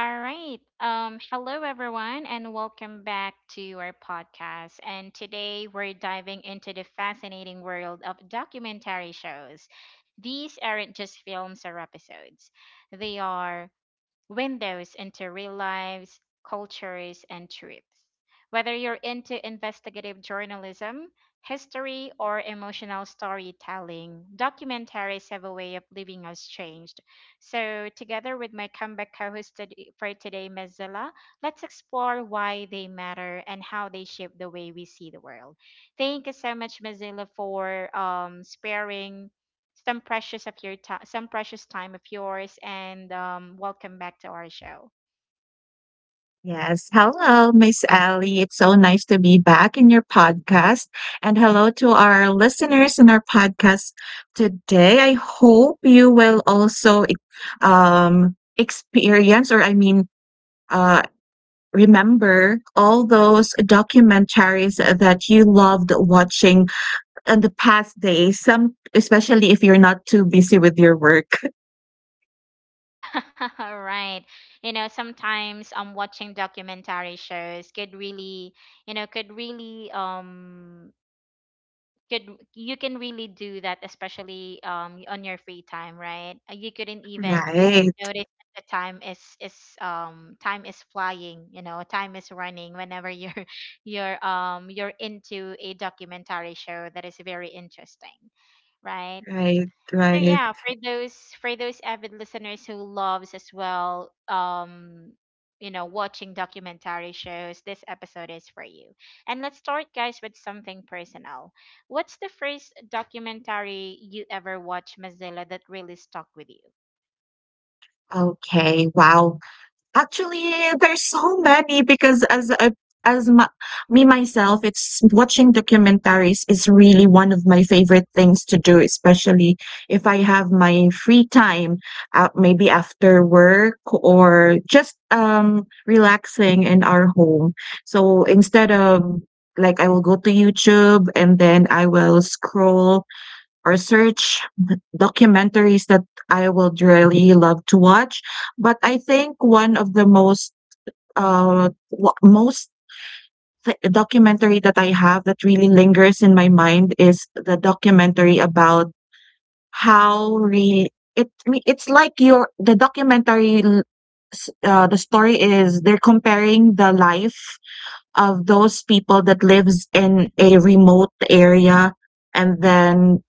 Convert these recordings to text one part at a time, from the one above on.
All right. Hello, everyone, and welcome back to our podcast. And today we're diving into the fascinating world of documentary shows. These aren't just films or episodes, they are windows into real lives, cultures, and truths. Whether you're into investigative journalism, history, or emotional storytelling, documentaries have a way of leaving us changed. So, together with my comeback co host for today, Mozilla, let's explore why they matter and how they shape the way we see the world. Thank you so much, Mozilla, for sparing some precious of your time, some precious time of yours, and welcome back to our show. Yes. Hello, Miss Ellie. It's so nice to be back in your podcast. And hello to our listeners in our podcast today. I hope you will also experience, uh, remember all those documentaries that you loved watching in the past days, some, especially if you're not too busy with your work. All right. You know, sometimes watching documentary shows could really, could really could you can really do that, especially on your free time, right? You couldn't even Right, notice that the time is time is flying, you know, time is running whenever you're you're into a documentary show that is very interesting. Right. right, So right. yeah, for those avid listeners who loves as well, you know, watching documentary shows, this episode is for you. And let's start, guys, with something personal. What's the first documentary you ever watched, Mozilla, that really stuck with you? Okay, wow. Actually, there's so many because as a as my me myself, it's watching documentaries is really one of my favorite things to do, especially if I have my free time, maybe after work or just, relaxing in our home. So instead of like I will go to YouTube and then I will scroll or search documentaries that I would really love to watch. But I think one of the most uh wa- most documentary that I have that really lingers in my mind is the documentary about how really it's like your the documentary l- s- the story is they're comparing the life of those people that lives in a remote area and then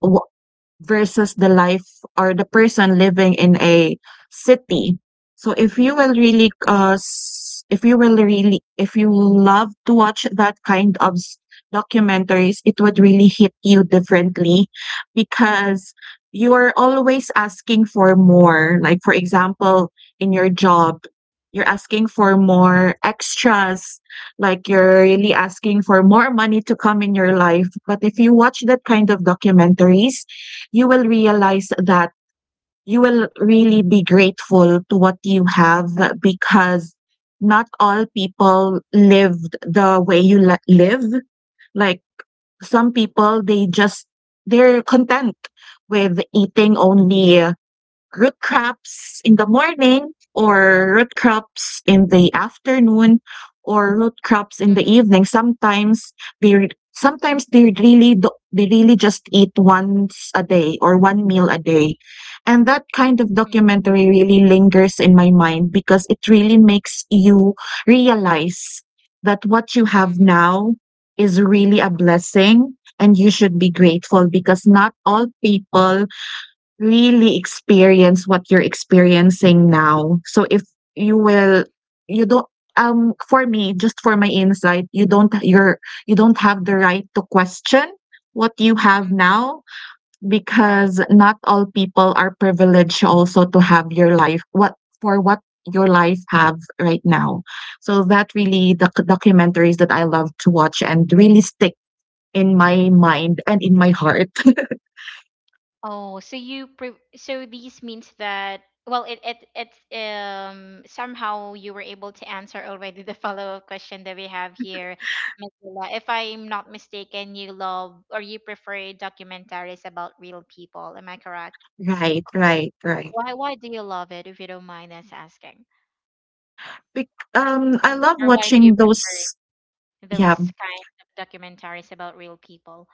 versus the life or the person living in a city. So if you will really s- if you will really if you love to watch that kind of documentaries, it would really hit you differently because you are always asking for more. Like for example, in your job, you're asking for more extras, like you're really asking for more money to come in your life. But if you watch that kind of documentaries, you will realize that you will really be grateful to what you have because not all people lived the way you live. Like some people, they just, they're content with eating only root crops in the morning or root crops in the afternoon or root crops in Mhm. the evening. Sometimes sometimes they really do, they really just eat once a day or one meal a day. And that kind of Mhm. documentary really lingers in my mind because it really makes you realize that what you Mhm. have now is really a blessing and you should be grateful because not all people really experience what you're experiencing now. So if you will you don't for me, just for my insight, you don't have the right to question what you have Mhm. now Right. because not all people are privileged also to have your life what your life have right now. So that really the documentaries that I love to watch and really stick in my mind and in my heart. Oh, so these means that, well, it's somehow you were able to answer already the follow-up question that we have here, Ms. Lila. If I'm not mistaken, you love or you prefer documentaries about real people. Am I correct? Right, right, right. Why do you love it, if you don't mind us asking? Bec I love Or why do you watching those prefer those yeah. kinds of documentaries about real people?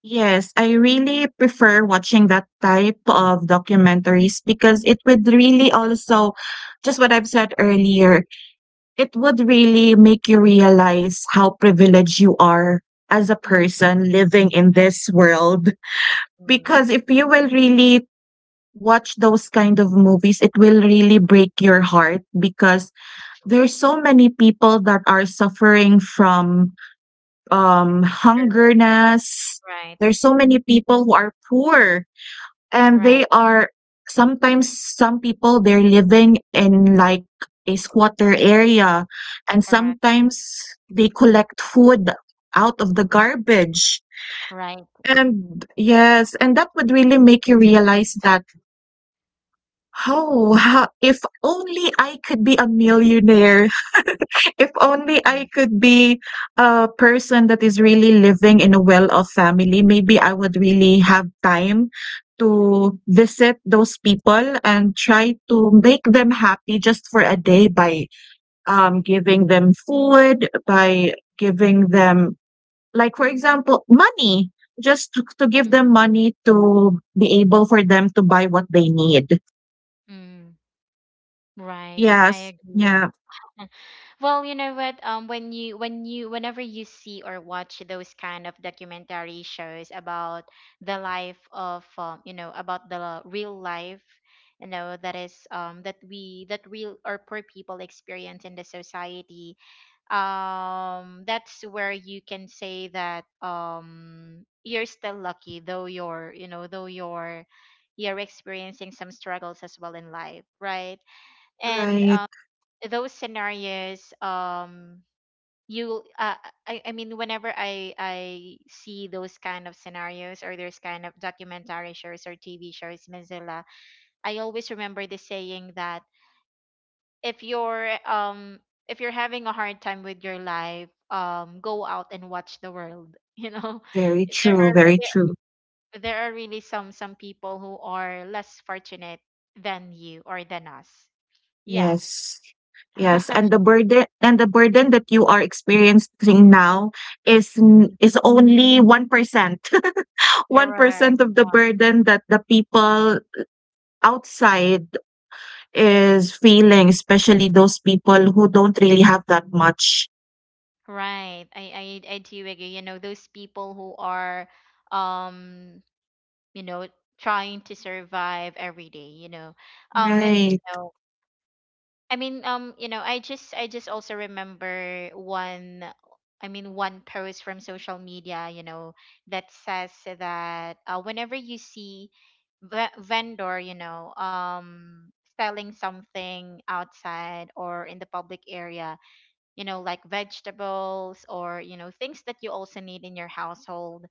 Yes, I really prefer watching that type of documentaries because it would really also, just what I've said earlier, it would really make you realize how privileged you are as a Mm, person living in this world. mm, Because if you will really watch those kind of movies, it will really break your heart because sure. there's so many people that are suffering from hungerness. Right, There's so many people who are poor and they right, are sometimes some people they're living in like a squatter area and correct, sometimes they collect food out of the garbage. right. And yes, and that would really make you realize that how if only I could be a millionaire. If only I Mm, could be a person that is really living in a well-off family, maybe I would really have time to visit those people and try to make them happy just for a day by, giving them food, by giving them like, for example, money, just to give mm, them money to be able for them to buy what they need. mm. Right, Yes. I agree. Yeah. Well, you know what? When you when you whenever you see or watch those kind of documentary shows about the life of, you know, about the real life, you know, that is that we that real or poor people experience in the society, that's where you can say that you're still lucky, though you're, you know, though you're experiencing some struggles as well in life, right? And Right. those scenarios, you I mean, whenever I see those kind of scenarios or those kind of documentary shows or TV shows, Mozilla, I always remember the saying that if you're um if you're having a hard time with your life, go out and watch the world. You know, Very there true, are very true. there, there are really some people who are less fortunate than you or than us, yeah. Yes. Yes, and the burden and the burden that you are experiencing now Mm, is only 1%. correct. 1% of Yeah. the burden that the people outside is feeling, especially those people who don't really have that much. Right. I do agree. You know, those people who are um, you know, trying to survive every day, you know. And you Right. know, you know, I just also remember one, I mean, one post from social media, you know, that says that whenever you see vendor, you know, selling something outside or in the public area, you know, like vegetables or, you know, things that you also need in your household,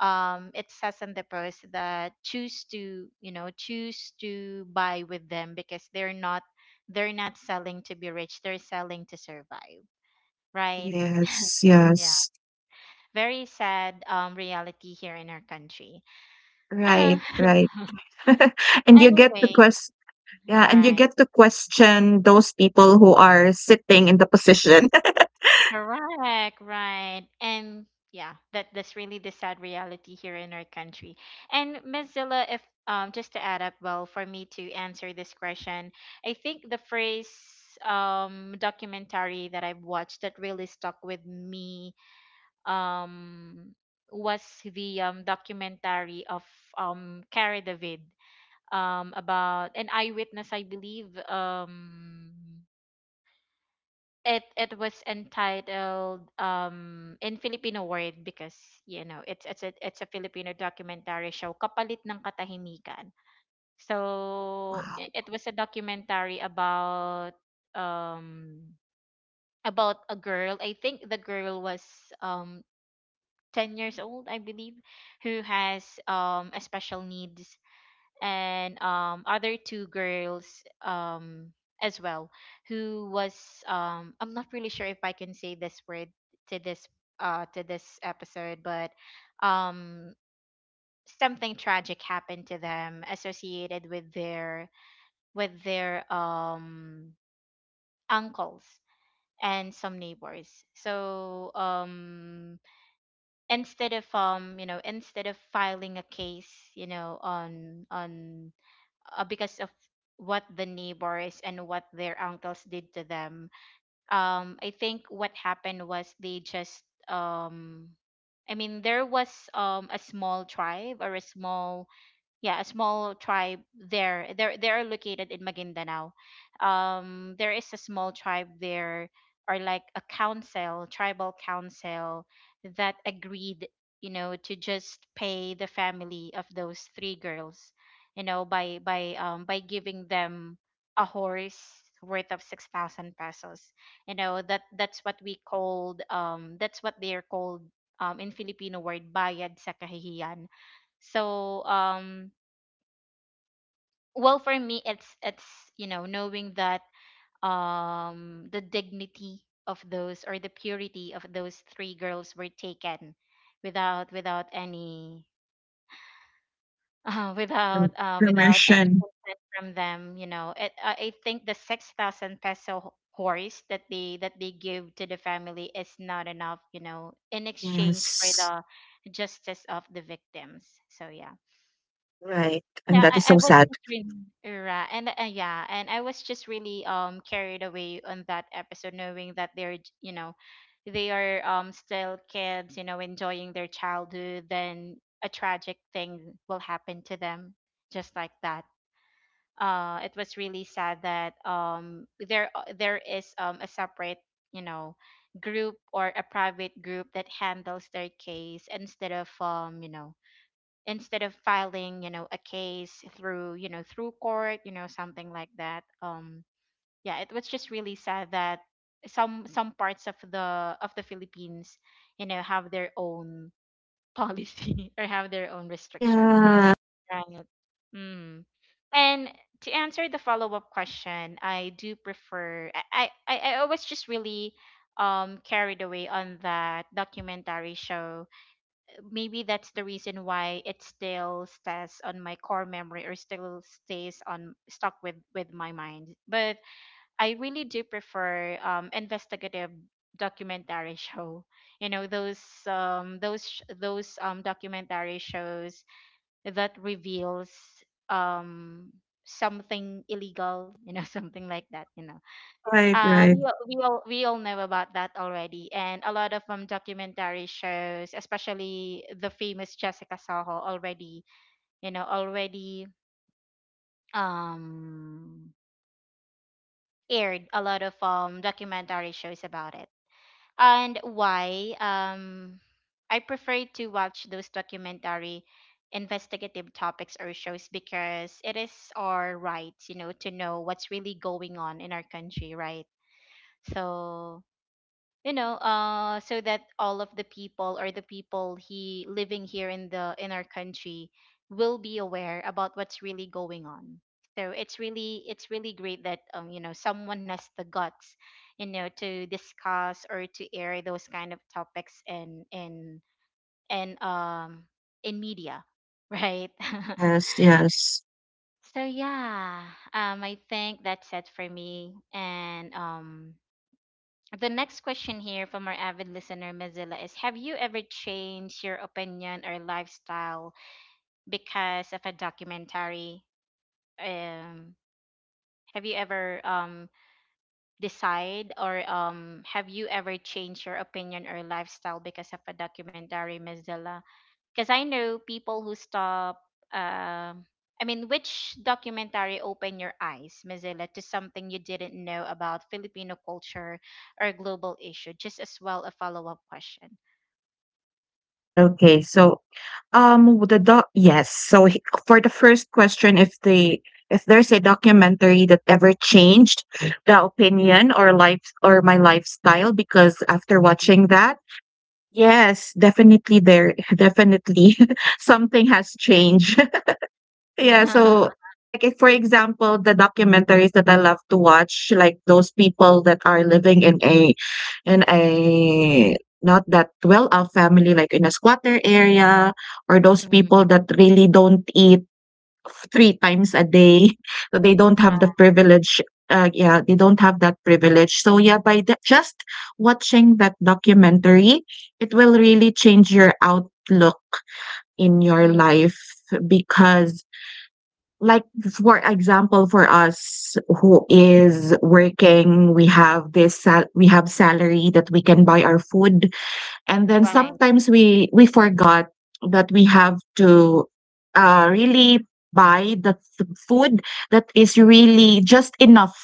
it says in the post that choose to, you know, choose to buy with them because they're not selling to be rich, they're selling to survive, right? Yes, Yeah, yes. very sad, reality here in our country. Right, right. And you get to Anyway, quest yeah, and you right. get to question those people who are sitting in the position. Correct, right. And yeah, that that's really the sad reality here in our country. And Miss Zilla, if just to add up, well, for me to answer this question, I think the phrase, documentary that I've watched that really stuck with me, um was the documentary of Cara David, about an eyewitness, I believe. It it was entitled, in Filipino word, because, you know, it's a it's a Filipino documentary show, Kapalit ng Katahimikan. So Wow. It was a documentary um about a girl. I think the girl was um 10 years old, I believe, who has a special needs, and other two girls as well, who was I'm not really sure if I can say this word to this to this episode, but um something tragic happened to them associated with their uncles and some neighbors. So instead of, you know, instead of filing a case, you know, on, because of what the neighbors and what their uncles did to them. I think what happened was they just, I mean, there was a small tribe or a small, yeah, a small tribe there, they're located in Maguindanao. There is a small tribe there, or like a council, tribal council, that agreed, you know, to just pay the family of those three girls, you know, by giving them a horse worth of 6,000 pesos. You know, that's what we called, that's what they're called, in Filipino word, bayad sa kahihiyan. So well, for me, it's, you know, knowing that the dignity of those or the purity of those three girls were taken without without any Perm- without any Permission. consent from them, you know. It, I think the 6,000 peso horse that they give to the family is not enough, you know, in exchange for Yes, the justice of the victims. So yeah. right, and Yeah, that is so I was sad. just really, right, and yeah, and I was just really carried away on that episode, knowing that they're you know, they are, still kids, you know, enjoying their childhood. Then a tragic thing will happen to them, just like that. It was really sad that there is a separate, you know, group, or a private group that handles their case instead of, you know, instead of filing, you know, a case through, you know, through court, you know, something like that. Yeah, it was just really sad that some parts of the Philippines, you know, have their own policy or have their own restriction, Yeah, right. Mm. And to answer the follow-up question, I do prefer, I was just really carried away on that documentary show. Maybe that's the reason why it still stays on my core memory or still stays on stuck with my mind, but I really do prefer investigative documentary show, you know, those those documentary shows that reveals um something illegal, you know, something like that, you know. right, right. We all, we all know about that already, and a lot of documentary shows, especially the famous Jessica Soho, already, you know, already, um aired a lot of documentary shows about it. And why I prefer to watch those documentary investigative topics or shows, because it is our right, you know, to know what's really going on in our country, right? So, you know, so that all of the people or the people he living here in the in our country will be aware about what's really going on. So it's really, it's really great that, you know, someone has the guts, you know, to discuss or to air those kind of topics in in um in media, right. Yes, yes. So yeah, I think that's it for me. And the next question here from our avid listener, Mozilla, is: Have you ever changed your opinion or lifestyle because of a documentary? Um, have you ever, decide, or, have you ever changed your opinion or lifestyle because of a documentary, Mozilla? Because I know people who stop. Um, I mean, which documentary opened your eyes, Mozilla, to something you didn't know about Filipino culture or global issue? Just as well, a follow up question. Okay, so the doc yes. So for the first question, if there's a documentary that ever changed the opinion or life or my lifestyle, because after watching that, yes, definitely there definitely something has changed. Yeah, so like if for example, the documentaries that I love to watch, like those people that are living in a not that well-off family, like in a squatter area, or those Mhm. people that really don't eat three times a day, so they don't Right. have the privilege. Yeah, they don't have that privilege. So yeah, just watching that documentary, it will really change your outlook in your Mm, life because like for example for us who is working we have salary that we can buy our food and then right. sometimes we forgot that we have to really buy the food that is really just enough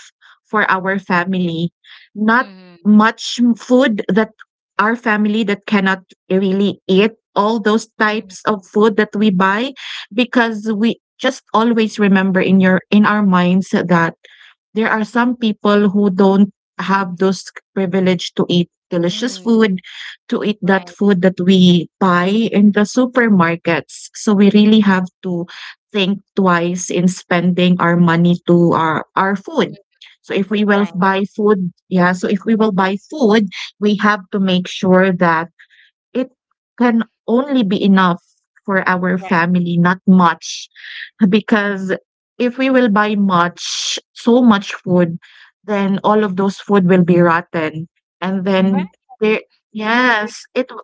for our family not Mhm. much food that our family that cannot really eat all those Mhm. types of food that we buy because we just always remember in your in our minds that there are some people who don't have those privilege to eat delicious Mm, food, to eat that right. food that we buy in the supermarkets. So we really have to think twice in spending our money to our Mm, food. So if we will right. buy food, yeah, so if we will buy food, we have to make sure that it can only be enough for our Right. family, not much. Because if we will buy much, so much food, then all of those food will be rotten. And mm, Right. then there, I agree. yes,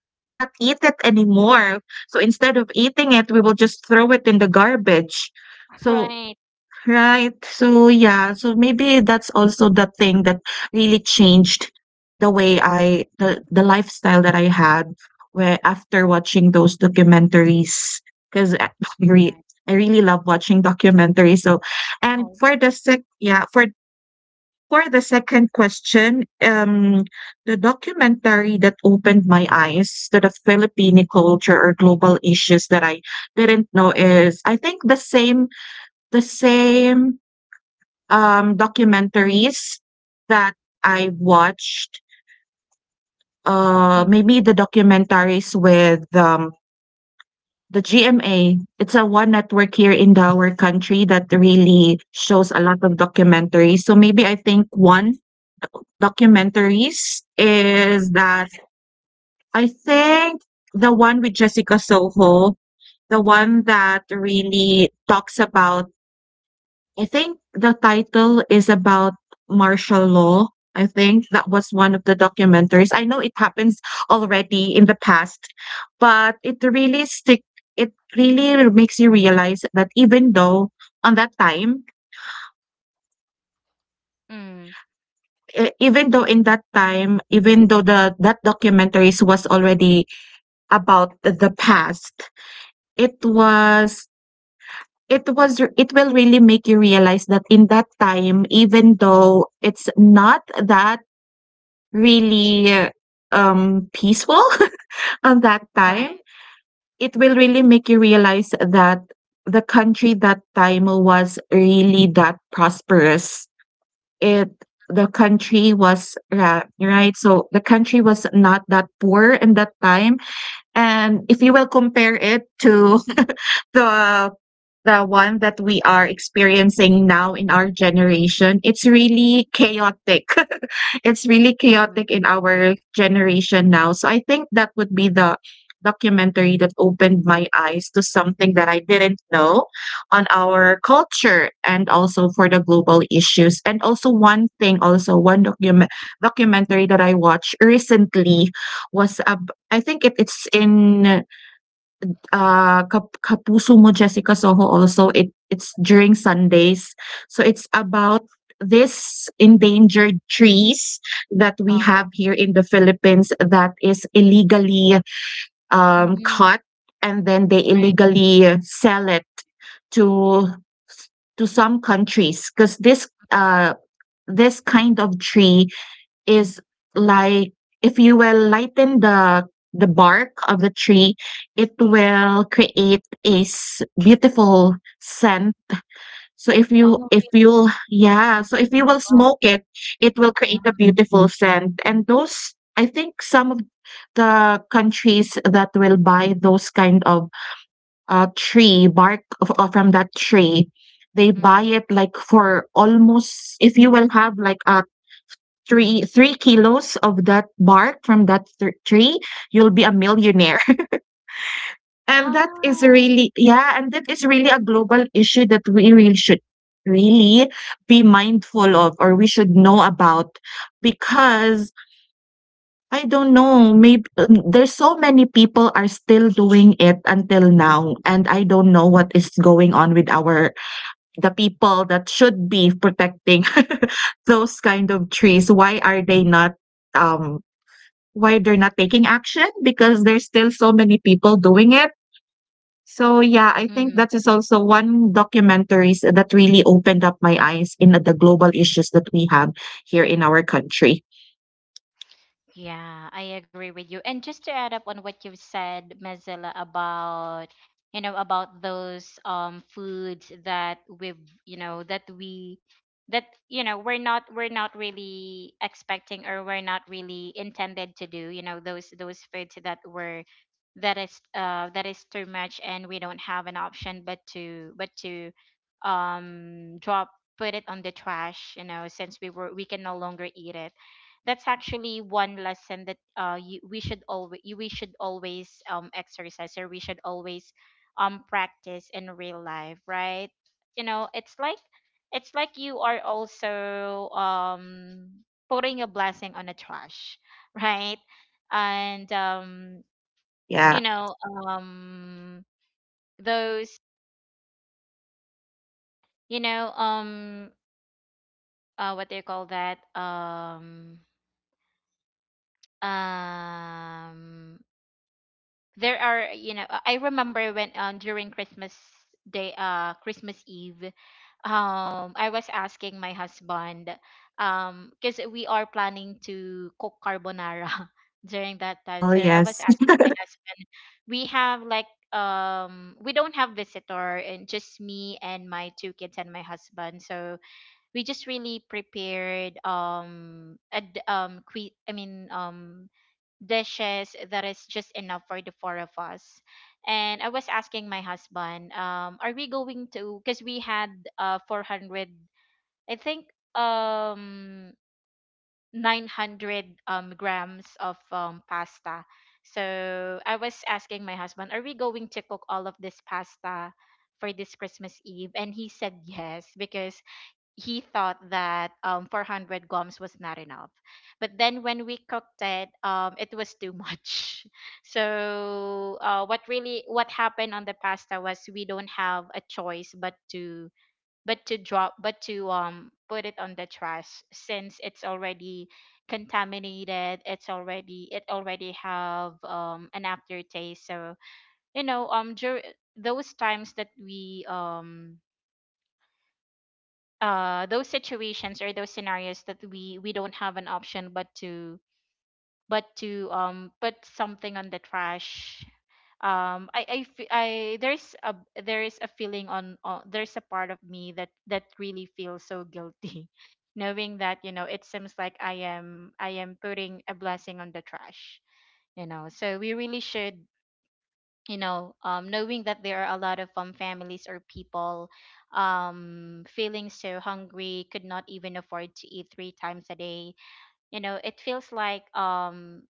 so we cannot eat it anymore. So instead of eating it, we will just throw it in the garbage. So Right. right. So, yeah, so maybe that's also the thing that really changed the way I the lifestyle that I had where after watching those documentaries, 'cause re Right. I really love watching documentaries. So, and Oh, for the sec yeah, for the second question, the documentary that opened my eyes to the Filipino culture or global issues that I didn't know is I think the same documentaries that I watched. Mm. Maybe the documentaries with the GMA. It's a one network here in our country that really shows a lot of documentaries. So maybe I think one documentaries is that I think the one with Jessica Soho, the one that really talks about I think the title is about martial law. I think that was one of the documentaries. I know it happens already in the past, but it really stick it really makes you realize that even though on that time Mm. e- even though in that time even though the that documentaries was already about the past it Mm. was it will really make you realize that in that time even though it's not that really peaceful on that Right. time. It will really make you realize that the country that time was really that prosperous. It the country was ra- right so the country was not that poor in that time and if you will compare it to the the one that we are experiencing now in our generation, it's really chaotic. It's really Mm. chaotic in our generation now. So I think that would be the documentary that opened my eyes to something that I didn't know on our culture and also for the global issues. And also one thing, also one documentary that I watched recently was I think it's in Kapuso Mo Jessica Soho also it's during Sundays. So it's about this endangered trees that we have Uh, here in the Philippines that is illegally mhm. cut and then they Right. illegally sell it to to some countries because this kind of tree is like if you will lighten the bark of the tree, it will create a beautiful scent. So Oh, if really? you yeah, so if you will Uh, smoke it, it will create a beautiful scent. And those I think some of the countries that will buy those kind of from that tree, they mm. buy Mm. it like for almost if you will have like a three three kilos of that bark from tree, you'll be a millionaire. 啊，And that is really yeah, and that is really a global issue that we really should really be mindful of or we should know about because I don't know. Maybe there's so many people are still doing it until now and I don't know what is going on with our the people that should be protecting those kind of trees. Why are they not um why they're not taking action? Because there's still so many people doing it. So yeah, I think 嗯。that is also one documentaries that really opened up my eyes in the global issues that we have here in our country. Yeah, I agree with you. And just to add up on what you've said, Mazilla, about, you know, about those foods that we've, you know, that we that, you know, we're not really expecting or we're not really intended to do. You know, those foods that were that is too much and we don't have an option but to drop put it on the trash. You know, since we can no longer eat it. That's actually one lesson that we should always exercise, or we should always practice in real life, right? You know, it's like you are also putting a blessing on a trash, right? And you Yeah. know um those, you know um what do you call that? Um there are, you know, I remember when, during Christmas day Christmas Eve, I was asking my husband, because we are planning to cook carbonara during that time, Oh so I was yes. asking my husband, we have like, we don't have visitor, and just me and my two kids and my husband. So we just really prepared a dishes that is just enough for the four of us. And I was asking my husband, are we going to? Because we had 400, I think um 900 grams of pasta. So I was asking my husband, are we going to cook all of this pasta for this Christmas Eve? And he said yes because he thought that 400 gums was not enough. But then when we cooked it, it was too much. So what happened on the pasta was we don't have a choice but to put it on the trash, since it's already contaminated. It's already it already have an aftertaste. So, you know um dur- those times that we, those situations or those scenarios that we don't have an option but to put something on the trash. I, there's a there is a feeling on, there's a part of me that really feels so guilty, knowing that, you know, it seems like I am putting a blessing on the trash. You know, so we really should, you know, knowing that there are a lot of families or people feeling so hungry, could not even afford to eat three times a day. You know, it feels like,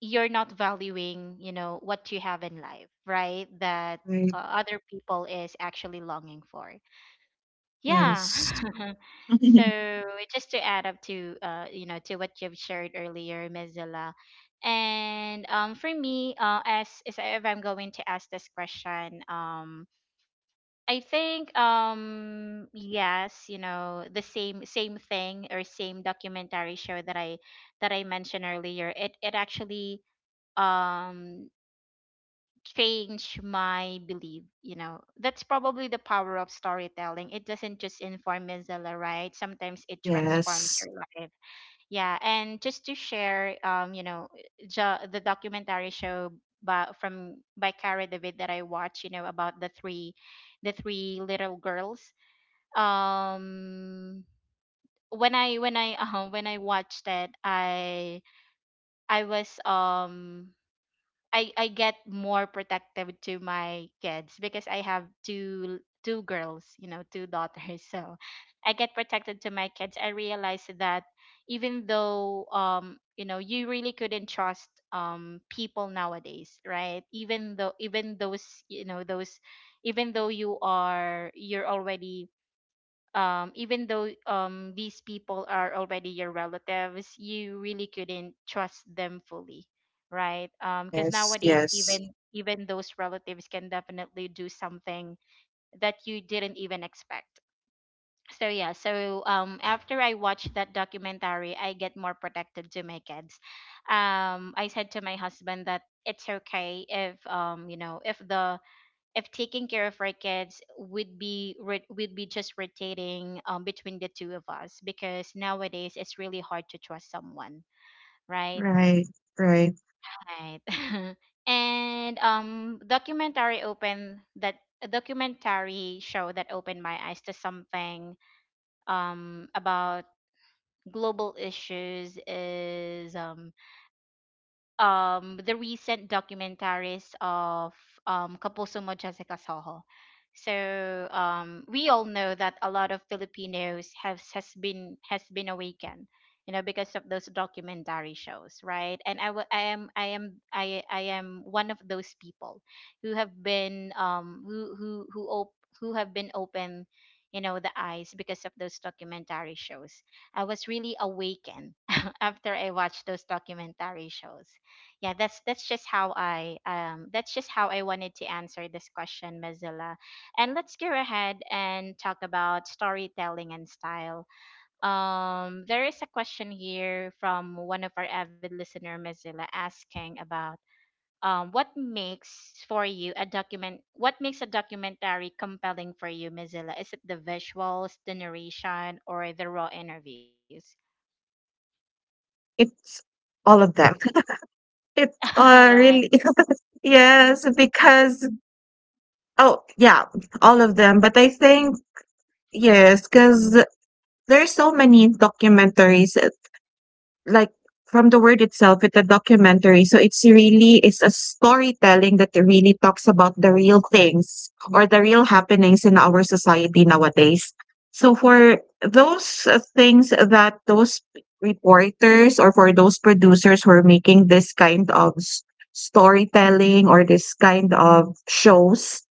you're not valuing, you know, what you have in life, right? That Right. other people is actually longing for. Yeah. Yes. So, just to add up to you know, to what you've shared earlier, Mozilla, and for me, as if I'm going to ask this question, I think, yes, you know, the same thing or same documentary show that I mentioned earlier. It actually, um change my belief. You know, that's probably the power of storytelling. It doesn't just inform, Mozilla, right? Sometimes it transforms Yes, your life. Yeah, and just to share, you know, the documentary show by Cara David that I watched, you know, about the three little girls, um when I when I watched it, I was, I get more protective to my kids, because I have two girls, you know, two daughters. So I get protected to my kids. I realize that, even though, you know, you really couldn't trust people nowadays, right? Even though, even those you know those even though you're already, even though, these people are already your relatives, you really couldn't trust them fully, right? Because yes, nowadays, yes. even those relatives can definitely do something that you didn't even expect. So yeah, so after I watched that documentary, I get more protective to my kids. I said to my husband that it's okay if, you know, if taking care of our kids would be would be just rotating, between the two of us, because nowadays it's really hard to trust someone, right? Right, right. Right. And documentary open that a documentary show that opened my eyes to something, about global issues is, the recent documentaries of, Kapuso Jessica Soho. So, we all know that a lot of Filipinos has been awakened, you know, because of those documentary shows, right? And I wa- I am I am I am one of those people who have been, who have been open, you know, the eyes because of those documentary shows. I was really awakened, after I watched those documentary shows. Yeah, that's just how I, that's just how I wanted to answer this question, Mozilla. And let's go ahead and talk about storytelling and style. There is a question here from one of our avid listener, Mozilla, asking about, what makes for you a document what makes a documentary compelling for you, Mozilla? Is it the visuals, the narration, or the raw interviews? To me, it's all of them. It uh, Right. really, yes, because, oh, yeah, all of them. But I think, yes, because there's so many documentaries, like from the word itself, it's a documentary, so it's really, it's a storytelling that really talks about the real things or the real happenings in our society nowadays. So for those things that those reporters or for those producers who are making this kind of storytelling or this kind of shows,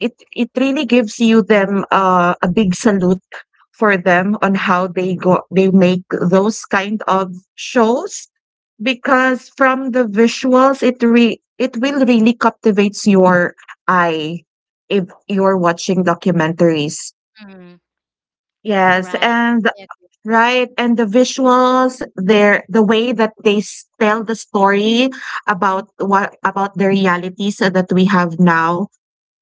it really gives you them a big salute for them on how they make those kind of shows, because from the visuals, it will really captivates your eye if you're watching documentaries. Mm, Yes, right. and right, and the visuals, the way that they tell the story about what about the realities that we have now,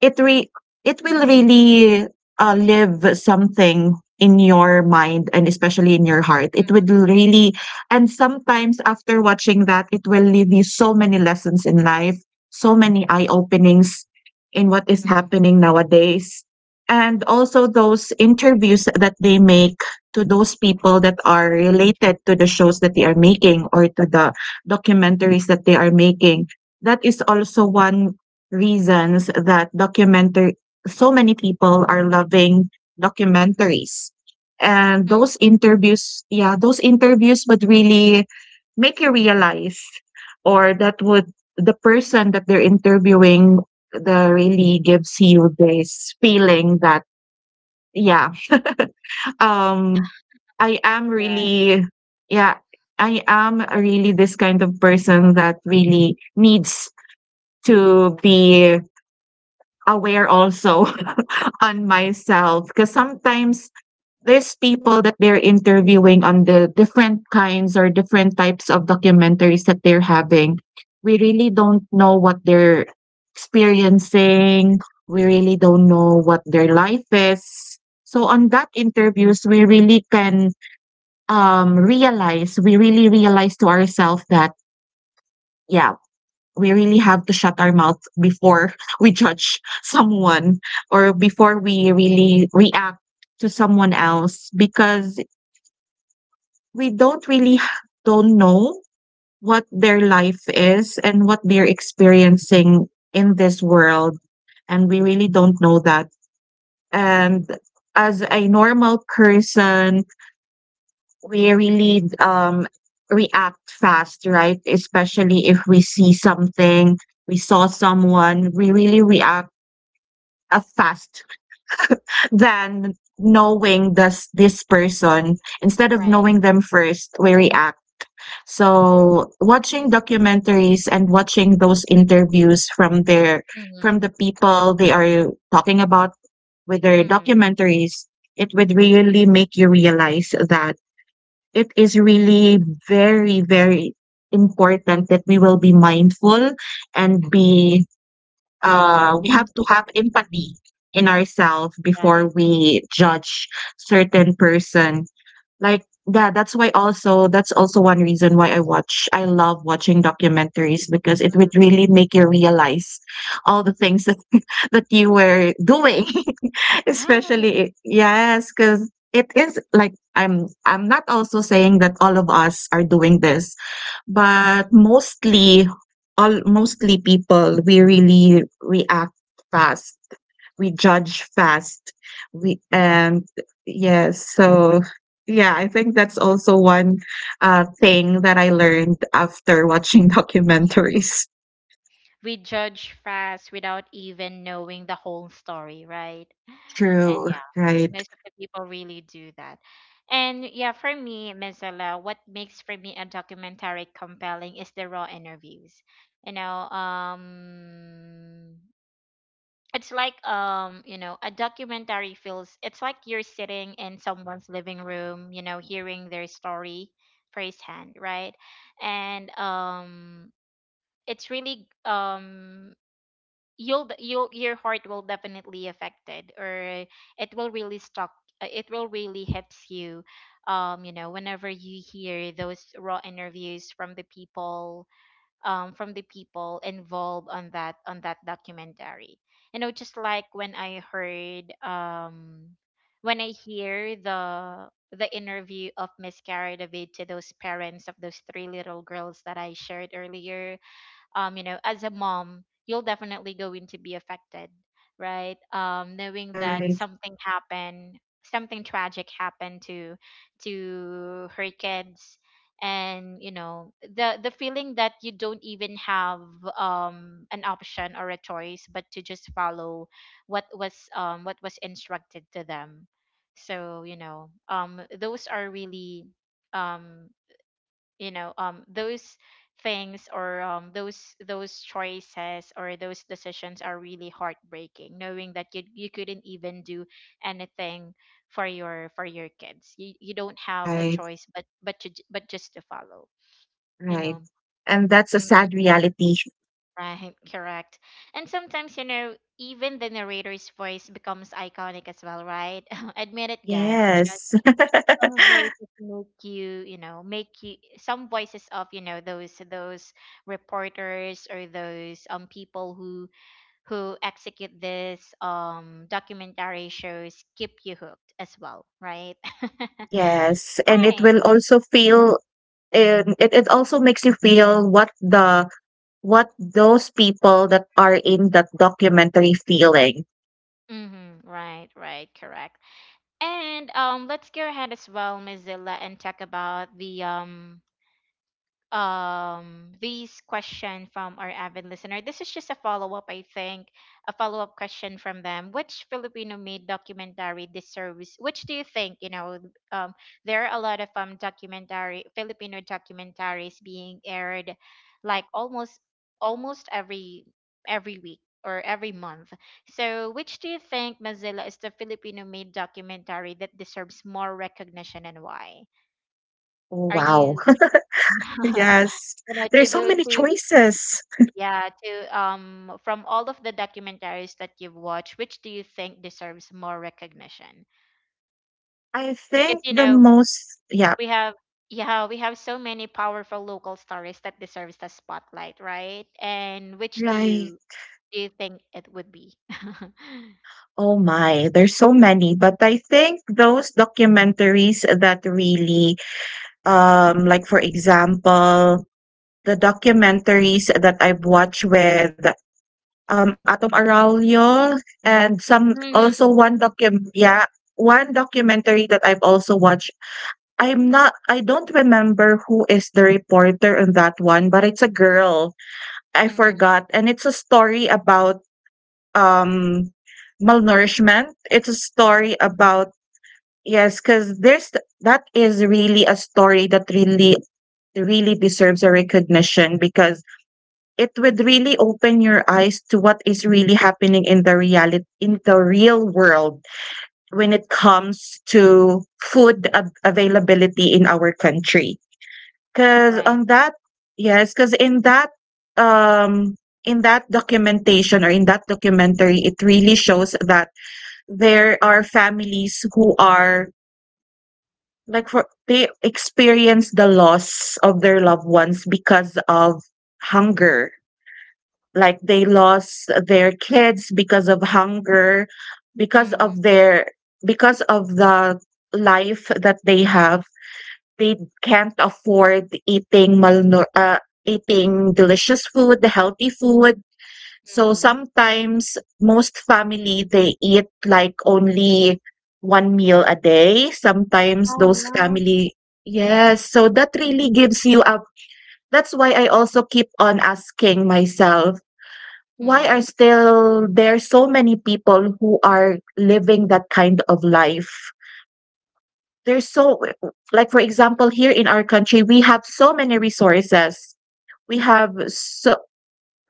it re- it Mm, will really live something in your mind, and especially in your heart, it would really, and sometimes after watching that, it will leave you so many lessons in life, so many eye openings in what mm, is mm, happening nowadays. And also those interviews that they make to those people that are related to the shows that they are making, or to the documentaries that they are making, that is also one reasons that documentary, so many people are loving documentaries. And mm. those interviews, yeah, those interviews would really make you realize, or that would, the person that they're interviewing, the really gives you this feeling that, yeah, um I am Right. really, yeah, I am really this kind of person that really needs to be aware also on myself, because sometimes there's people that they're interviewing on the different kinds or different types of documentaries that they're having. We really don't know what they're experiencing. We really don't know what their life is. So on that interviews, we really can realize, we really realize to ourselves that, yeah, we really have to shut our mouth before we judge someone or before we really react to someone else, because we don't really h- don't know what their life is and what they're experiencing in this world, and we really don't know that. And as a normal person, we really react fast, right? Especially if we see something, we saw someone, we really react a fast than knowing this person. Instead of Right. knowing them first, we react. So watching documentaries and watching those interviews from their, Mm. from the people they are talking about with their Mm. documentaries, it would really make you realize that it is really very very important that we will be mindful and be, we have to have empathy in ourselves Right. before we judge certain person. Like, yeah, that's why also, that's also one reason why I love watching documentaries, because it Mm. would really make you realize all the things that, that you were doing, Right. especially yes, because it is like I'm not also saying that all of us are doing this, but Mm. mostly, all mostly people, we really react fast, we judge fast, we Right. and yes. So yeah, I think that's also one thing that I learned after watching documentaries. We judge fast without even knowing the whole story, right? And True, yeah, right. most of the people really do that. And yeah, for me, Mizella, what makes for me a documentary compelling is the raw interviews. You know, it's like, you know, a documentary feels, it's like you're sitting in someone's living room, you know, hearing their story firsthand, right? And, it's really, you'll you'll your heart will definitely affected, or it will really stuck, it will really hits you, you know, whenever you hear those raw interviews from the people, from the people involved on that documentary. You know, just like when I heard, when I hear the interview of Miss Cara David to those parents of those three little girls that I shared earlier, you know, as a mom, you'll definitely going to be affected, right? Knowing that Right. something happened, something tragic happened to her kids, and you know, the feeling that you don't even have an option or a choice, but to just follow what was, what was instructed to them. So, you know, those are really, um you know, those things, or those choices, or those decisions are really heartbreaking, knowing that you couldn't even do anything for your kids. You don't have a Right, choice, but to, but just to follow, you right. know. And that's a Mm, sad reality. right, correct. And sometimes, you know, even the narrator's voice becomes iconic as well, right? Admit it, guys, you know, Yes. some voices make you, you know, make you, some voices of, you know, those reporters, or those people who execute this documentary shows, keep you hooked as well, right? Yes, and it Right. will also feel, and it also makes you feel what the, what those people that are in that documentary feeling. Mm-hmm, right, right, correct. And let's go ahead as well, Mozilla, and talk about the, this question from our avid listener. This is just a follow-up, I think, a follow-up question from them. Which Filipino made documentary deserves, which do you think, you know, um there are a lot of documentary, Filipino documentaries being aired, like almost every week, or every month. So which do you think, Mozilla, is the Filipino made documentary that deserves more recognition, and why? Are Wow. you? You Yes. know, to There's so the many to choices. yeah, to, from all of the documentaries that you've watched, which do you think deserves more recognition? I Because think you the know, most, yeah, we have, yeah, we have so many powerful local stories that deserves the spotlight, right? And which do right. you think it would be? Oh my, there's so many, but I think those documentaries that really, like for example, the documentaries that I've watched with Atom Araulio, and some Mm, also one docu, yeah, one documentary that I've also watched. I don't remember who is the reporter on that one, but it's a girl. I mm, forgot, and it's a story about, um, malnourishment. It's a story about, yes, because there's, that is really a story that really really deserves a recognition, because it would really open your eyes to what is really happening in the reality in the real world when it comes to food availability in our country. Because right, on that, yes, because um in that documentation or in that documentary, it really shows that there are families who are, like for they experience the loss of their loved ones because of hunger. Like they lost their kids because of hunger, because mm, of their, because of the life that they have, they can't afford eating malnur eating delicious food, healthy food. So mm, sometimes most family they eat like only one meal a day, sometimes oh those yeah, family, yes. So that really gives you a, that's why I also keep on asking myself, why are mm, still there so many people who are living that kind of life? There's so, like for example, here in our country, we have so many resources. We have so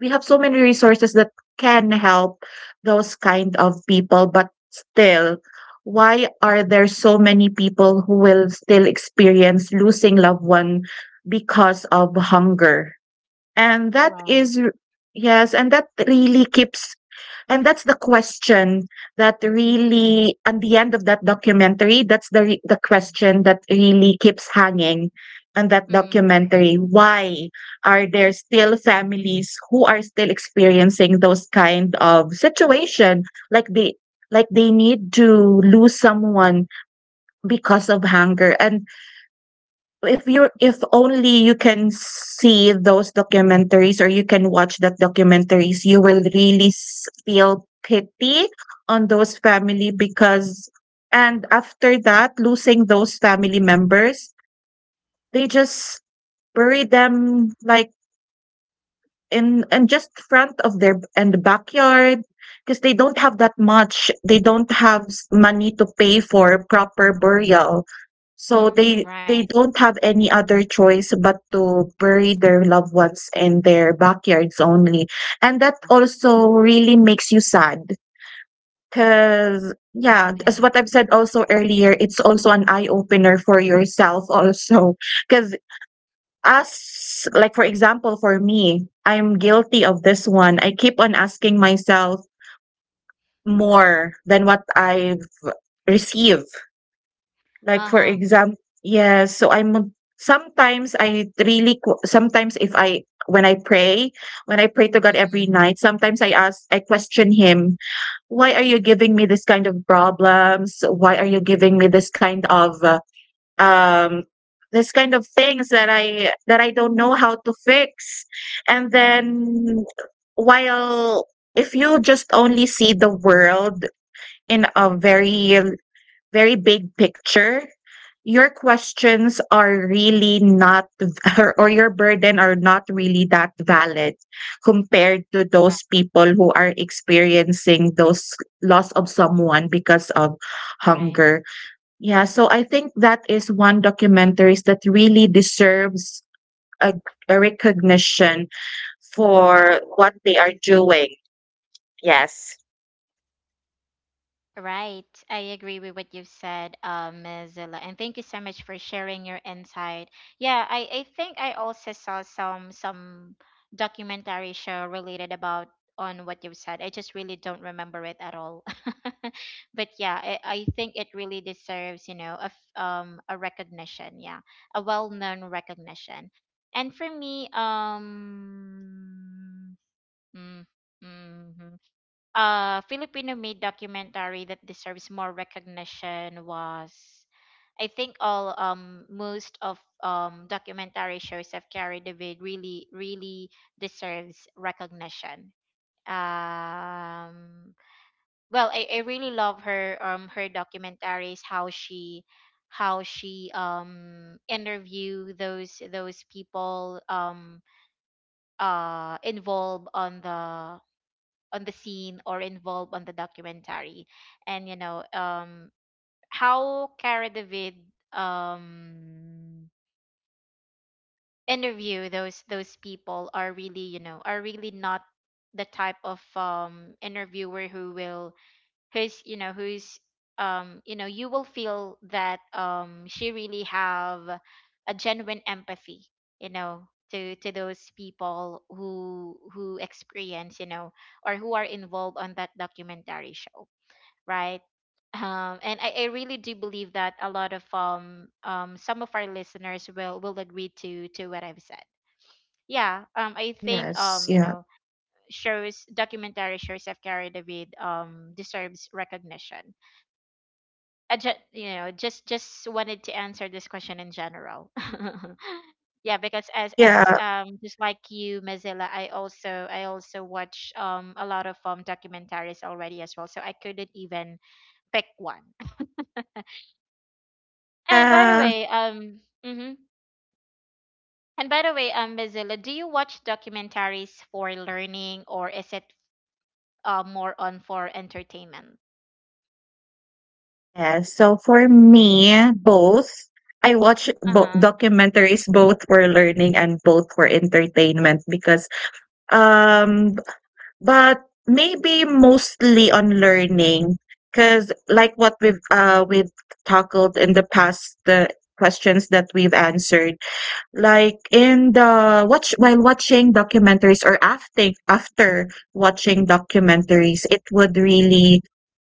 we have so many resources that can help those kind of people, but still, why are there so many people who will still experience losing loved one because of hunger? And that right, is r- Yes, and that really keeps, and that's the question that really, at the end of that documentary, that's the mm, question that really keeps hanging on that mm, documentary. Why are there still families who are still experiencing those kind of situation, like they, like they need to lose someone because of hunger? And if you, if only you can see those documentaries or you can watch that documentaries, you will really feel pity on those family, because, and after that losing those family members, they just bury them, like in and just front of their and the backyard, because they don't have that much, they don't have money to pay for proper burial. So mm, they right, they don't have any other choice but to bury their loved ones in their backyards only. And that also really makes you sad, because oh yeah, yeah, as what I've said also earlier, it's also an eye opener for yourself also, because, as like for example for me, I'm guilty of this one. I keep on asking myself more than what I've received. Like, for uh-huh, example, yes, so I'm, sometimes I really q, sometimes if I, when I pray, when I pray to God every mm-hmm. night, sometimes I question Him, "Why are you giving me this kind of problems? Why are you giving me um this kind of things that I don't know how to fix?" And Mm, then, while, if you just only see the world in a mm, very, very big picture, your questions are really not v- or your burden are not really that valid compared to right, those people who are experiencing those loss of someone because of right, hunger. Yeah, so I think that is one documentaries that really deserves a, a recognition for what they are doing. Yes. right. I agree with what you've said, Ms. Zilla, and thank you so much for sharing your insight. Yeah, I think I also saw some documentary show related about, on what you've said. I just really don't remember it at all. But yeah, I think it really deserves, you know, a a recognition. Yeah, a well-known recognition. And for me, Mm, mhm. Filipino made documentary that deserves more recognition was, I think, all, most of documentary shows have carried David, really deserves recognition. Um well, I really love her, her documentaries, how she interview those people, involved on the, on the scene, or involved on the documentary. And you know, how Cara David, um interview those people are really, you know, are really not the type of interviewer who will, who's you know who's you know, you will feel that, she really have a genuine empathy, you know, to those people who experience, you know, or who are involved on that documentary show, right? And I really do believe that a lot of, some of our listeners will agree to what I've said. Yeah, I think, Yes. You Yeah. know, shows, documentary shows have carried a bit, deserves recognition. I just, you know, just wanted to answer this question in general. Yeah, because as as Yeah. um just like you, Mozilla, I also watch a lot of documentaries already as well, so I couldn't even pick one. And by the Yeah. way, and by the way, Mozilla, do you watch documentaries for learning or is it more on for entertainment? Yes. So for me, both. Uh huh. Documentaries both for learning and both for entertainment, because um but maybe mostly on learning, because like what we've tackled in the past, the questions that we've answered, like in the watch while watching documentaries, or after after watching documentaries, it would really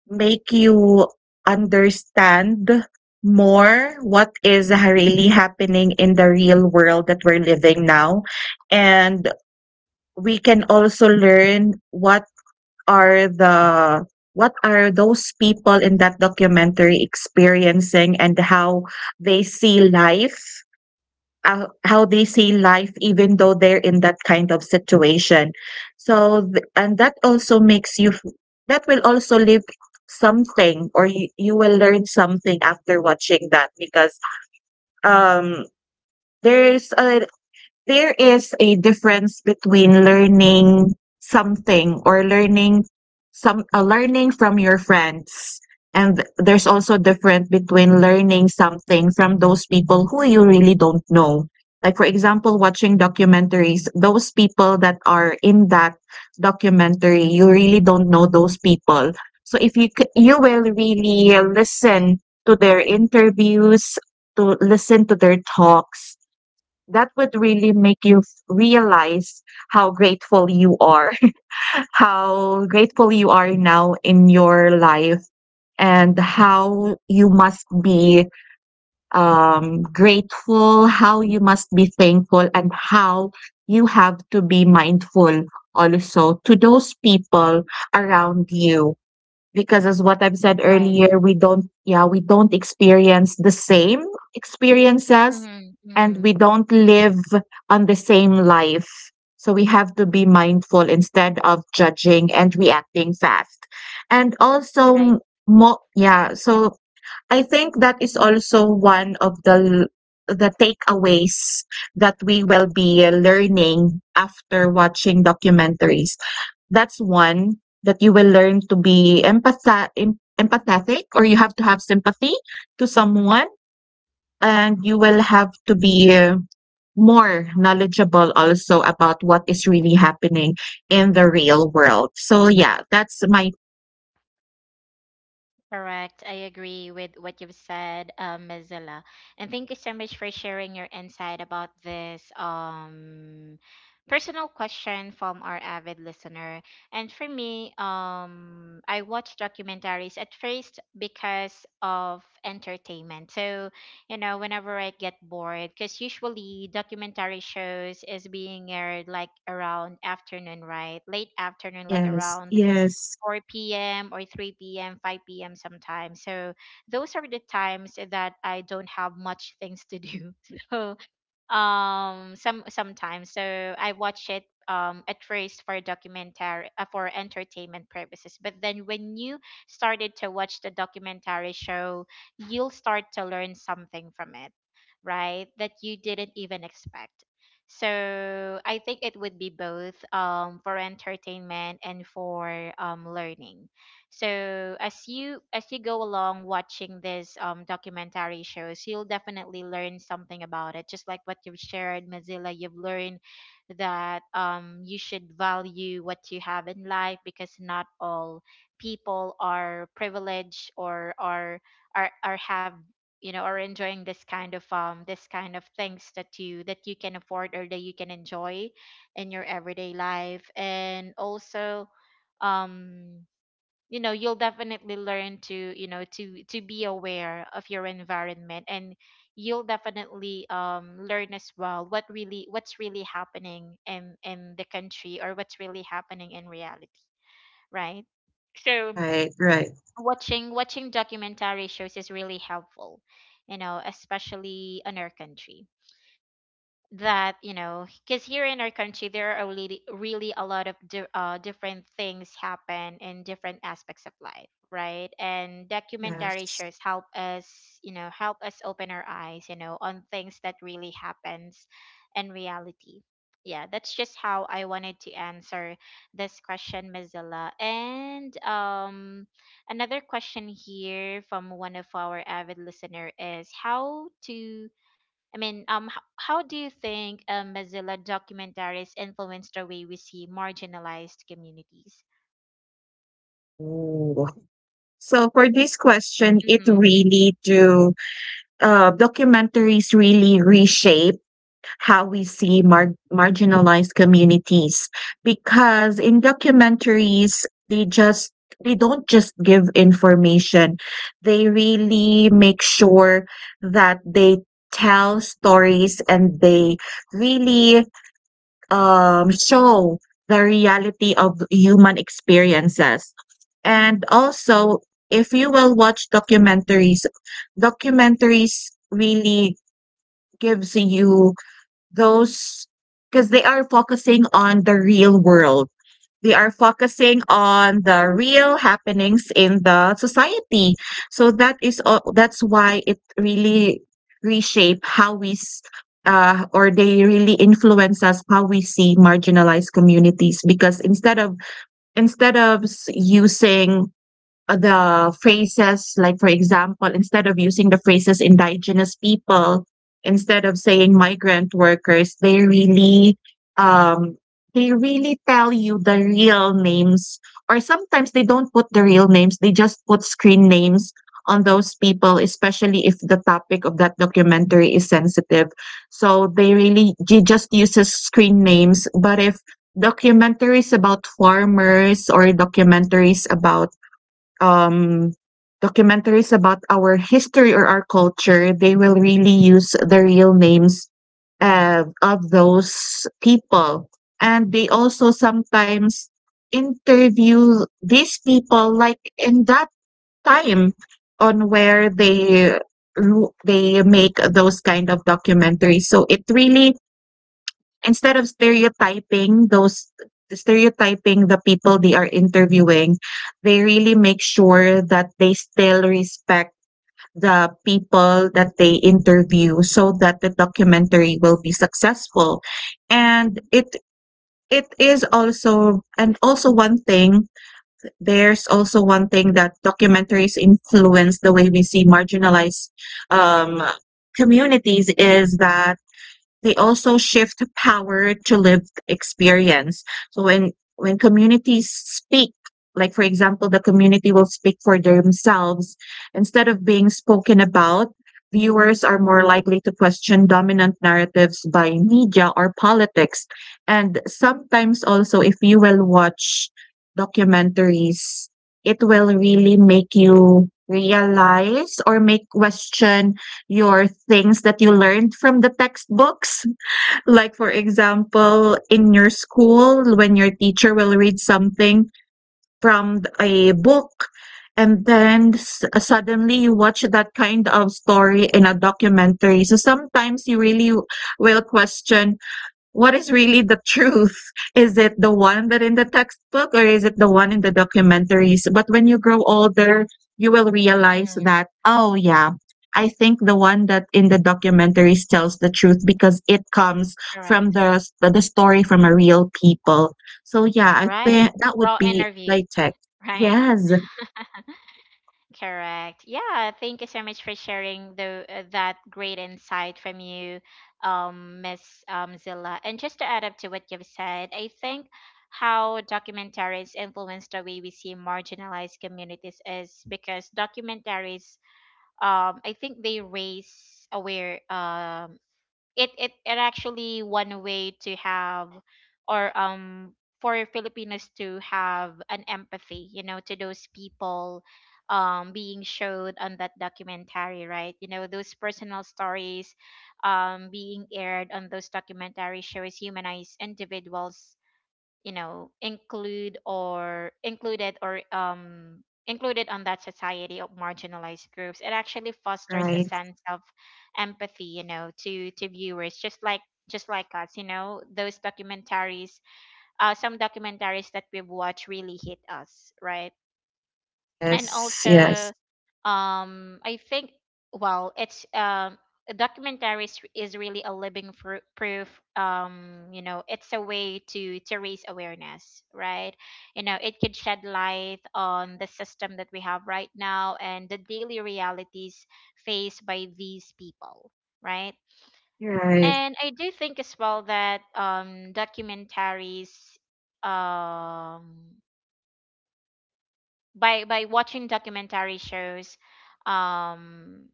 make you understand more what is really happening in the real world that we're living now. And we can also learn what are the, what are those people in that documentary experiencing, and how they see life, how they see life even though they're in that kind of situation. So and that also makes you that will also leave something, or you will learn something after watching that, because um there's a, there is a difference between learning something or learning some learning from your friends, and there's also different between learning something from those people who you really don't know. Like for example, watching documentaries, those people that are in that documentary, you really don't know those people. So if you you will really listen to their interviews, to listen to their talks, that would really make you realize how grateful you are, how grateful you are now in your life, and how you must be grateful, how you must be thankful, and how you have to be mindful also to those people around you, because as what I've said Right. earlier, we don't, yeah, we don't experience the same experiences, Mm-hmm. Mm-hmm. and we don't live on the same life. So we have to be mindful instead of judging and reacting fast. And also Right. m- mo yeah, so I think that is also one of the takeaways that we will be learning after watching documentaries. That's one that you will learn to be empathetic, or you have to have sympathy to someone, and you will have to be more knowledgeable also about what is really happening in the real world. So yeah, that's my Correct. I agree with what you've said, Mozilla. And thank you so much for sharing your insight about this personal question from our avid listener. And for me, I watch documentaries at first because of entertainment. So, whenever I get bored, because usually documentary shows is being aired like around afternoon, right? Late afternoon, like yes, around yes, 4 p.m. or 3 p.m., 5 p.m. sometimes. So those are the times that I don't have much things to do. So sometimes I watch it at first for documentary for entertainment purposes, but then when you started to watch the documentary show, you'll start to learn something from it, right, that you didn't even expect. So I think it would be both, for entertainment and for learning. So as you go along watching this documentary shows, you'll definitely learn something about it, just like what you've shared, Mozilla. You've learned that you should value what you have in life, because not all people are privileged or are have, you know, are enjoying this kind of things that you can afford or that you can enjoy in your everyday life. And also, um you know, you'll definitely learn to, you know, to be aware of your environment. And you'll definitely learn as well what really what's really happening in the country, or what's really happening in reality, right? So right, right, watching documentary shows is really helpful, you know, especially in our country, that, you know, because here in our country there are really really a lot of different things happen in different aspects of life, right? And documentary yes. shows help us, you know, help us open our eyes, you know, on things that really happens in reality. Yeah, that's just how I wanted to answer this question, Mozilla. And another question here from one of our avid listener is how to how do you think, Mozilla, documentaries influence the way we see marginalized communities? Ooh. So for this question, it Mm-hmm, really do documentaries really reshape how we see marginalized communities, because in documentaries they just they don't just give information, they really make sure that they tell stories, and they really show the reality of human experiences. And also, if you will watch documentaries, documentaries really gives you those, because they are focusing on the real world. They are focusing on the real happenings in the society. So that is all, that's why it really reshape or they really influence us how we see marginalized communities, because instead of using the phrases, like for example, instead of using the phrases indigenous people, instead of saying migrant workers, um they really tell you the real names, or sometimes they don't put the real names, they just put screen names on those people, especially if the topic of that documentary is sensitive. So they really just uses screen names. But if documentaries about farmers, or um, documentaries about our history or our culture, they will really use the real names of those people. And they also sometimes interview these people like in that time on where they they make those kind of documentaries. So it really, instead of stereotyping those, stereotyping the people they are interviewing, they really make sure that they still respect the people that they interview so that the documentary will be successful. And it is also, and also one thing, there's also one thing that documentaries influence the way we see marginalized um communities is that they also shift power to lived experience. So when communities speak, like for example, the community will speak for themselves instead of being spoken about. Viewers are more likely to question dominant narratives by media or politics. And sometimes also, if you will watch documentaries, it will really make you realize or make question your things that you learned from the textbooks. Like, for example, in your school, when your teacher will read something from a book, and then suddenly you watch that kind of story in a documentary. So sometimes you really will question, what is really the truth? Is it the one that in the textbook, or is it the one in the documentaries? But when you grow older, you will realize mm-hmm, that, oh yeah, I think the one that in the documentaries tells the truth, because it comes from correct. The story from a real people. So yeah, I Right. think that would Raw be like interviews. tech. Right. Yes, Correct. Yeah. Thank you so much for sharing the that great insight from you, Miss Zilla. And just to add up to what you've said, I think how documentaries influence the way we see marginalized communities is because documentaries, I think they raise aware, it actually one way to have or for Filipinos to have an empathy, you know, to those people being showed on that documentary, right? You know, those personal stories being aired on those documentary shows humanize individuals, you know, include or included on that society of marginalized groups. It actually fosters a right. sense of empathy, you know, to viewers, just like us. You know, those documentaries, some documentaries that we've watched really hit us, right? And Yes, also, yes. I think, well, it's a documentary is really a living proof, you know, it's a way to raise awareness, right? You know, it could shed light on the system that we have right now and the daily realities faced by these people, right? You're right. And I do think as well that documentaries, um by watching documentary shows, um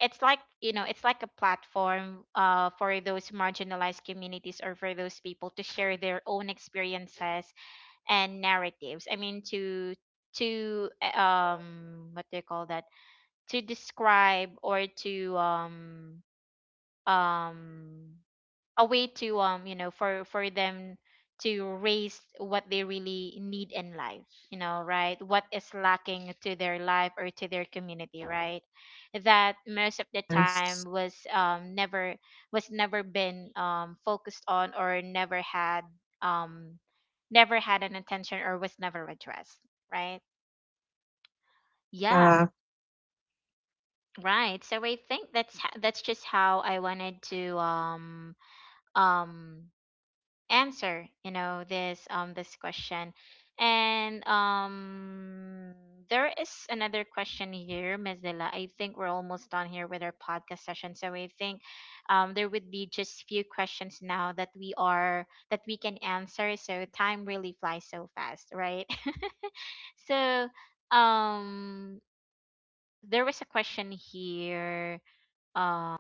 it's like, you know, it's like a platform for those marginalized communities or for those people to share their own experiences and narratives. I mean, to what do you call that, to describe or to um a way to, you know, for them to raise what they really need in life, you know, right? What is lacking to their life or to their community, right, that most of the time Yes. was never, was never been focused on, or never had um never had an attention, or was never addressed, right? Yeah, Yeah. right. So I think that's just how I wanted to um answer, you know, this this question. And there is another question here, Mazdila. I think we're almost done here with our podcast session, so I think there would be just few questions now that we are that we can answer. So time really flies so fast, right? So um there was a question here, um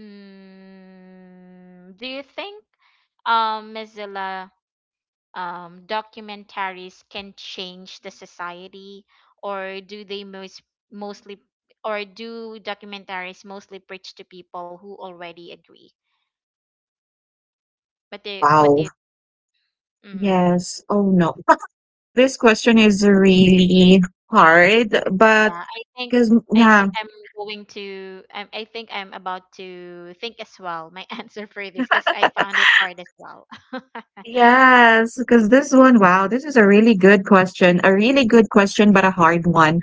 do you think, Mozilla, documentaries can change the society, or do they most mostly or do documentaries mostly preach to people who already agree, but they, what Wow. do you mm, Yes. Oh no. This question is really hard, but yeah, I think because, i yeah, think I'm going to, I think I'm about to think as well my answer for this, because I found it hard as well. yes, because this one, wow, this is a really good question. A really good question, but a hard one.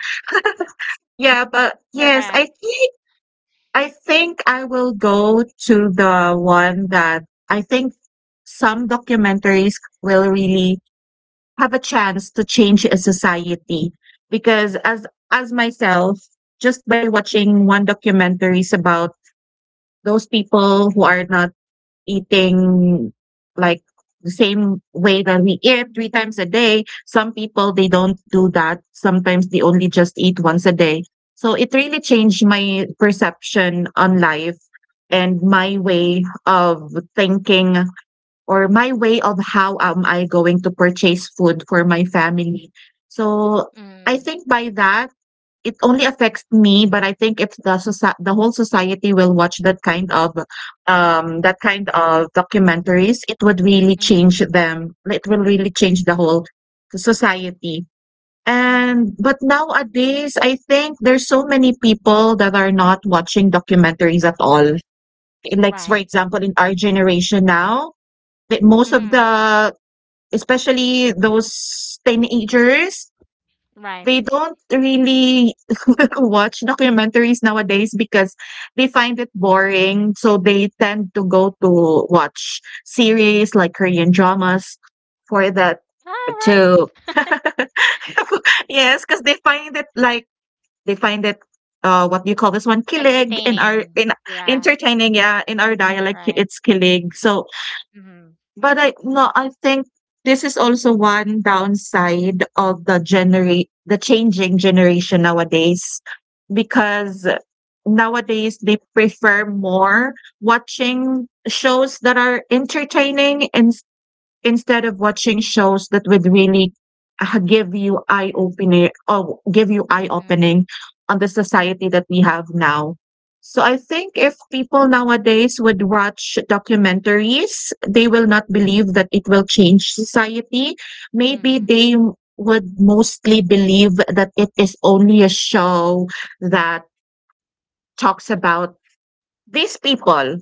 Yeah, but yes, Correct. I think I will go to the one that I think some documentaries will really have a chance to change a society, because as myself, just by watching one documentaries about those people who are not eating like the same way that we eat three times a day. Some people, they don't do that. Sometimes they only just eat once a day. So it really changed my perception on life and my way of thinking, or my way of how am I going to purchase food for my family. So I mm, think by that, it only affects me, but I think if the whole society will watch that kind of documentaries, it would really mm, change them. It will really change the whole society. mm, And but nowadays, I think there's so many people that are not watching documentaries at all. Like for right. example, in our generation now, that most of mm, the, especially those teenagers, right. they don't really watch documentaries nowadays because they find it boring. So they tend to go to watch series like Korean dramas for All that. right. To yes, because they find it like they find it what do you call this one, kilig, in our Entertaining. in Yeah. entertaining, yeah, in our dialect Right. it's kilig. So Mhm. but I, no, I think this is also one downside of the changing generation nowadays, because nowadays they prefer more watching shows that are entertaining instead of watching shows that would really give you eye opening, or give you eye Mm. opening on the society that we have now. So I think if people nowadays would watch documentaries, they will not believe that it will change society. Maybe Mhm. they would mostly believe that it is only a show that talks about these people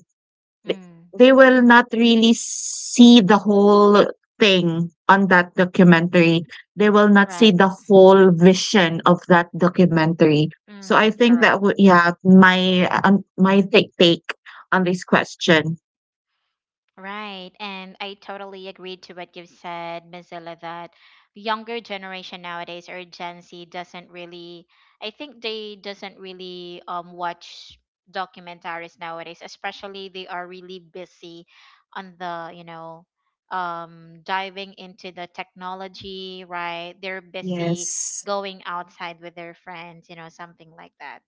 th- Mm. they will not really see the whole thing on that documentary. They will not see Right. the whole vision of that documentary. So I Mhm. think that Correct. would, yeah, my my take on this question. Right. And I totally agreed to what you've said, Mozilla, that younger generation nowadays or Gen Z doesn't really, I think they doesn't really watch documentaries nowadays, especially they are really busy on the, you know, diving into the technology, right? They're busy Yes, going outside with their friends, you know, something like that.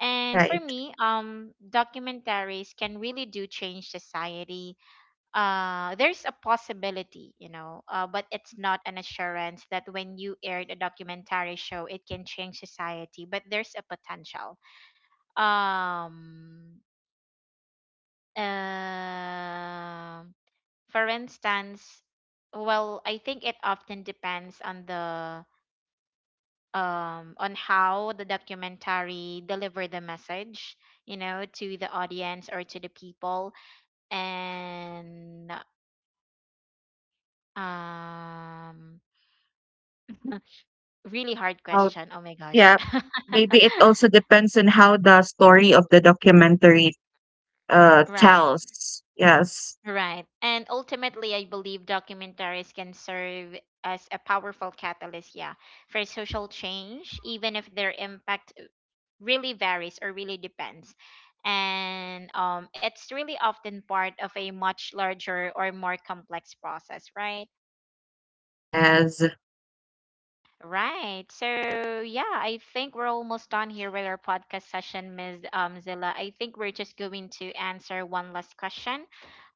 And for right. me, documentaries can really do change society. There's a possibility, you know, but it's not an assurance that when you aired a documentary show, it can change society. But there's a potential. Um, uh, for instance, well, I think it often depends on the on how the documentary deliver the message, you know, to the audience or to the people. And um, really hard How, question. Oh my gosh. yeah, maybe it also depends on how the story of the documentary Right, tells. Yes. right. And ultimately, I believe documentaries can serve as a powerful catalyst, yeah, for social change, even if their impact really varies or really depends. And it's really often part of a much larger or more complex process, right? Yes, Right, so yeah, I think we're almost done here with our podcast session, Ms. Zilla. I think we're just going to answer one last question.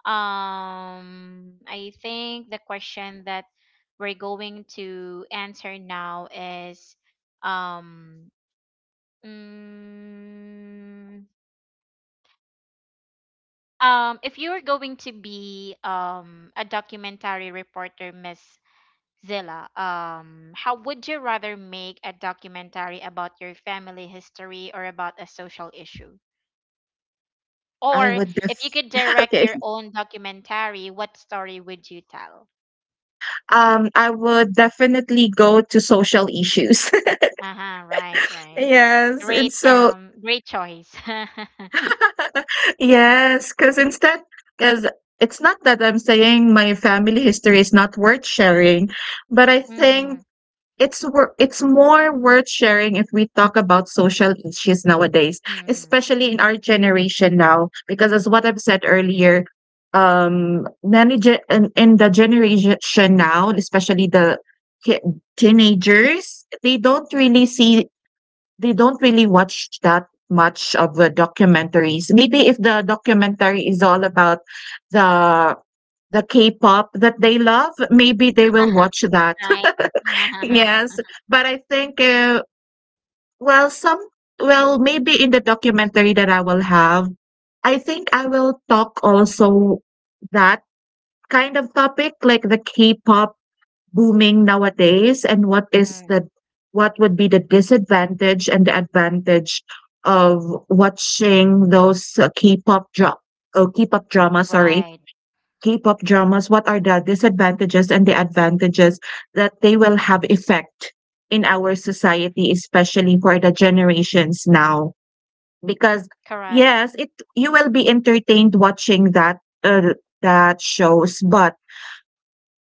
I think the question that we're going to answer now is, um mm, um, if you were going to be a documentary reporter, Miss Zilla, how would you rather make a documentary about your family history or about a social issue? I Or would if you could direct okay. your own documentary, what story would you tell? I would definitely go to social issues. Uh-huh, right, right. Yes, and Great, so great choice. yes, because instead, because it's not that I'm saying my family history is not worth sharing, but I Mm-hmm, think It's wor it's more worth sharing if we talk about social issues nowadays, mm-hmm. especially in our generation now, because as what I've said earlier, many in the generation now, especially ki- teenagers, they don't really see, they don't really watch that much of the documentaries. Maybe if the documentary is all about the the K-pop that they love, maybe they will watch that. Right. Yes, but I think, well, some, well, maybe in the documentary that I will have, I think I will talk also that kind of topic, like the K-pop booming nowadays, and what is Mm-hmm. the, what would be the disadvantage and the advantage of watching those, K-pop drama, sorry. Right. K-pop dramas, what are the disadvantages and the advantages that they will have effect in our society, especially for the generations now? Because Correct. yes, it, you will be entertained watching that uh, that shows, but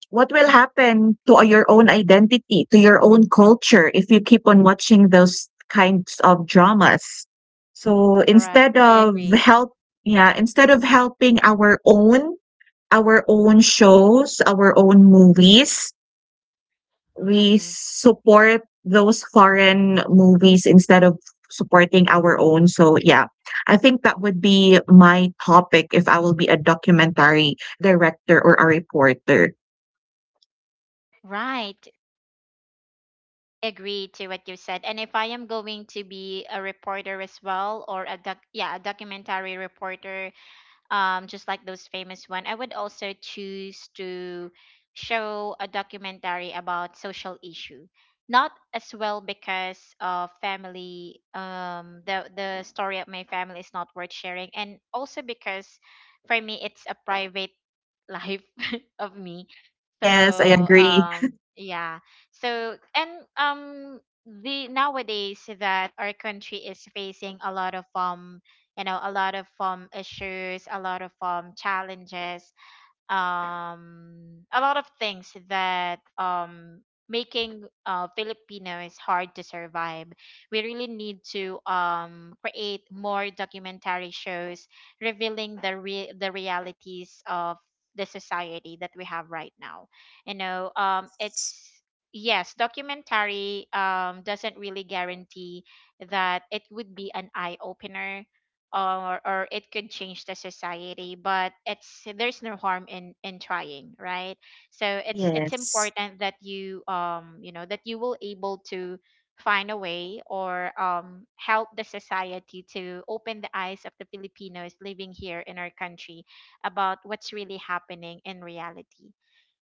what will happen to your own identity, to your own culture, if you keep on watching those kinds of dramas? So Correct. instead I of agree. help, yeah, instead of helping our own, our own shows, our own movies. We Mm-hmm. support those foreign movies instead of supporting our own. So yeah, I think that would be my topic if I will be a documentary director or a reporter. Right. Agree to what you said. And if I am going to be a reporter as well, or a doc, yeah, a documentary reporter, just like those famous one, I would also choose to show a documentary about social issue. Not as well because of family, the story of my family is not worth sharing, and also because for me it's a private life of me, so Yes, I agree. Yeah. So and the nowadays that our country is facing a lot of you know, a lot of issues, a lot of challenges, a lot of things that making Filipinos hard to survive. We really need to create more documentary shows revealing the realities of the society that we have right now. You know, it's, yes, documentary doesn't really guarantee that it would be an eye opener, or it could change the society, but it's, there's no harm in trying, right? So it's Yes, important that you, you know, that you will able to find a way or help the society to open the eyes of the Filipinos living here in our country about what's really happening in reality.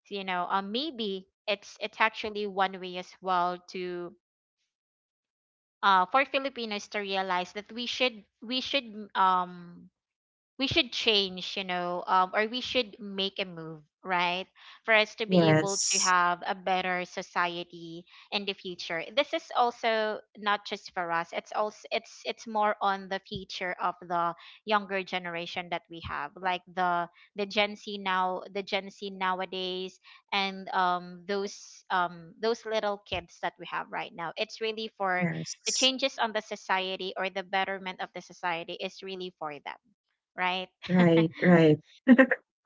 So, you know, maybe it's actually one way as well to, for Filipinos to realize that um we should change, you know, or we should make a move, right? For us to be able to yes, have a better society in the future. This is also not just for us. It's also, it's more on the future of the younger generation that we have, like the Gen Z now, the Gen Z nowadays, and those little kids that we have right now. It's really for the yes. changes on the society, or the betterment of the society is really for them, right? Right, right.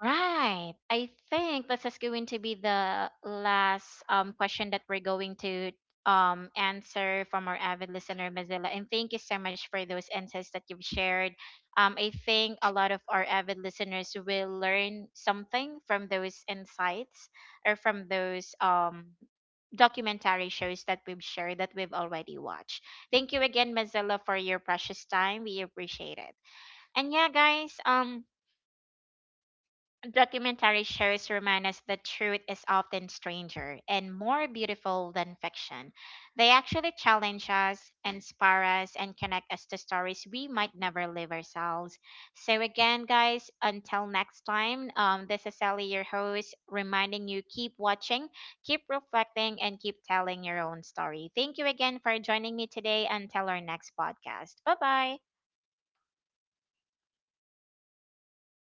Right. I think this is going to be the last question that we're going to answer from our avid listener, Mazilla. And thank you so much for those insights that you've shared. I think a lot of our avid listeners will learn something from those insights or from those documentary shows that we've shared that we've already watched. Thank you again, Mazilla, for your precious time. We appreciate it. And yeah, guys, documentary shows remind us that truth is often stranger and more beautiful than fiction. They actually challenge us, inspire us, and connect us to stories we might never live ourselves. So, again, guys, until next time, this is Sally, your host, reminding you keep watching, keep reflecting, and keep telling your own story. Thank you again for joining me today until our next podcast. Bye bye.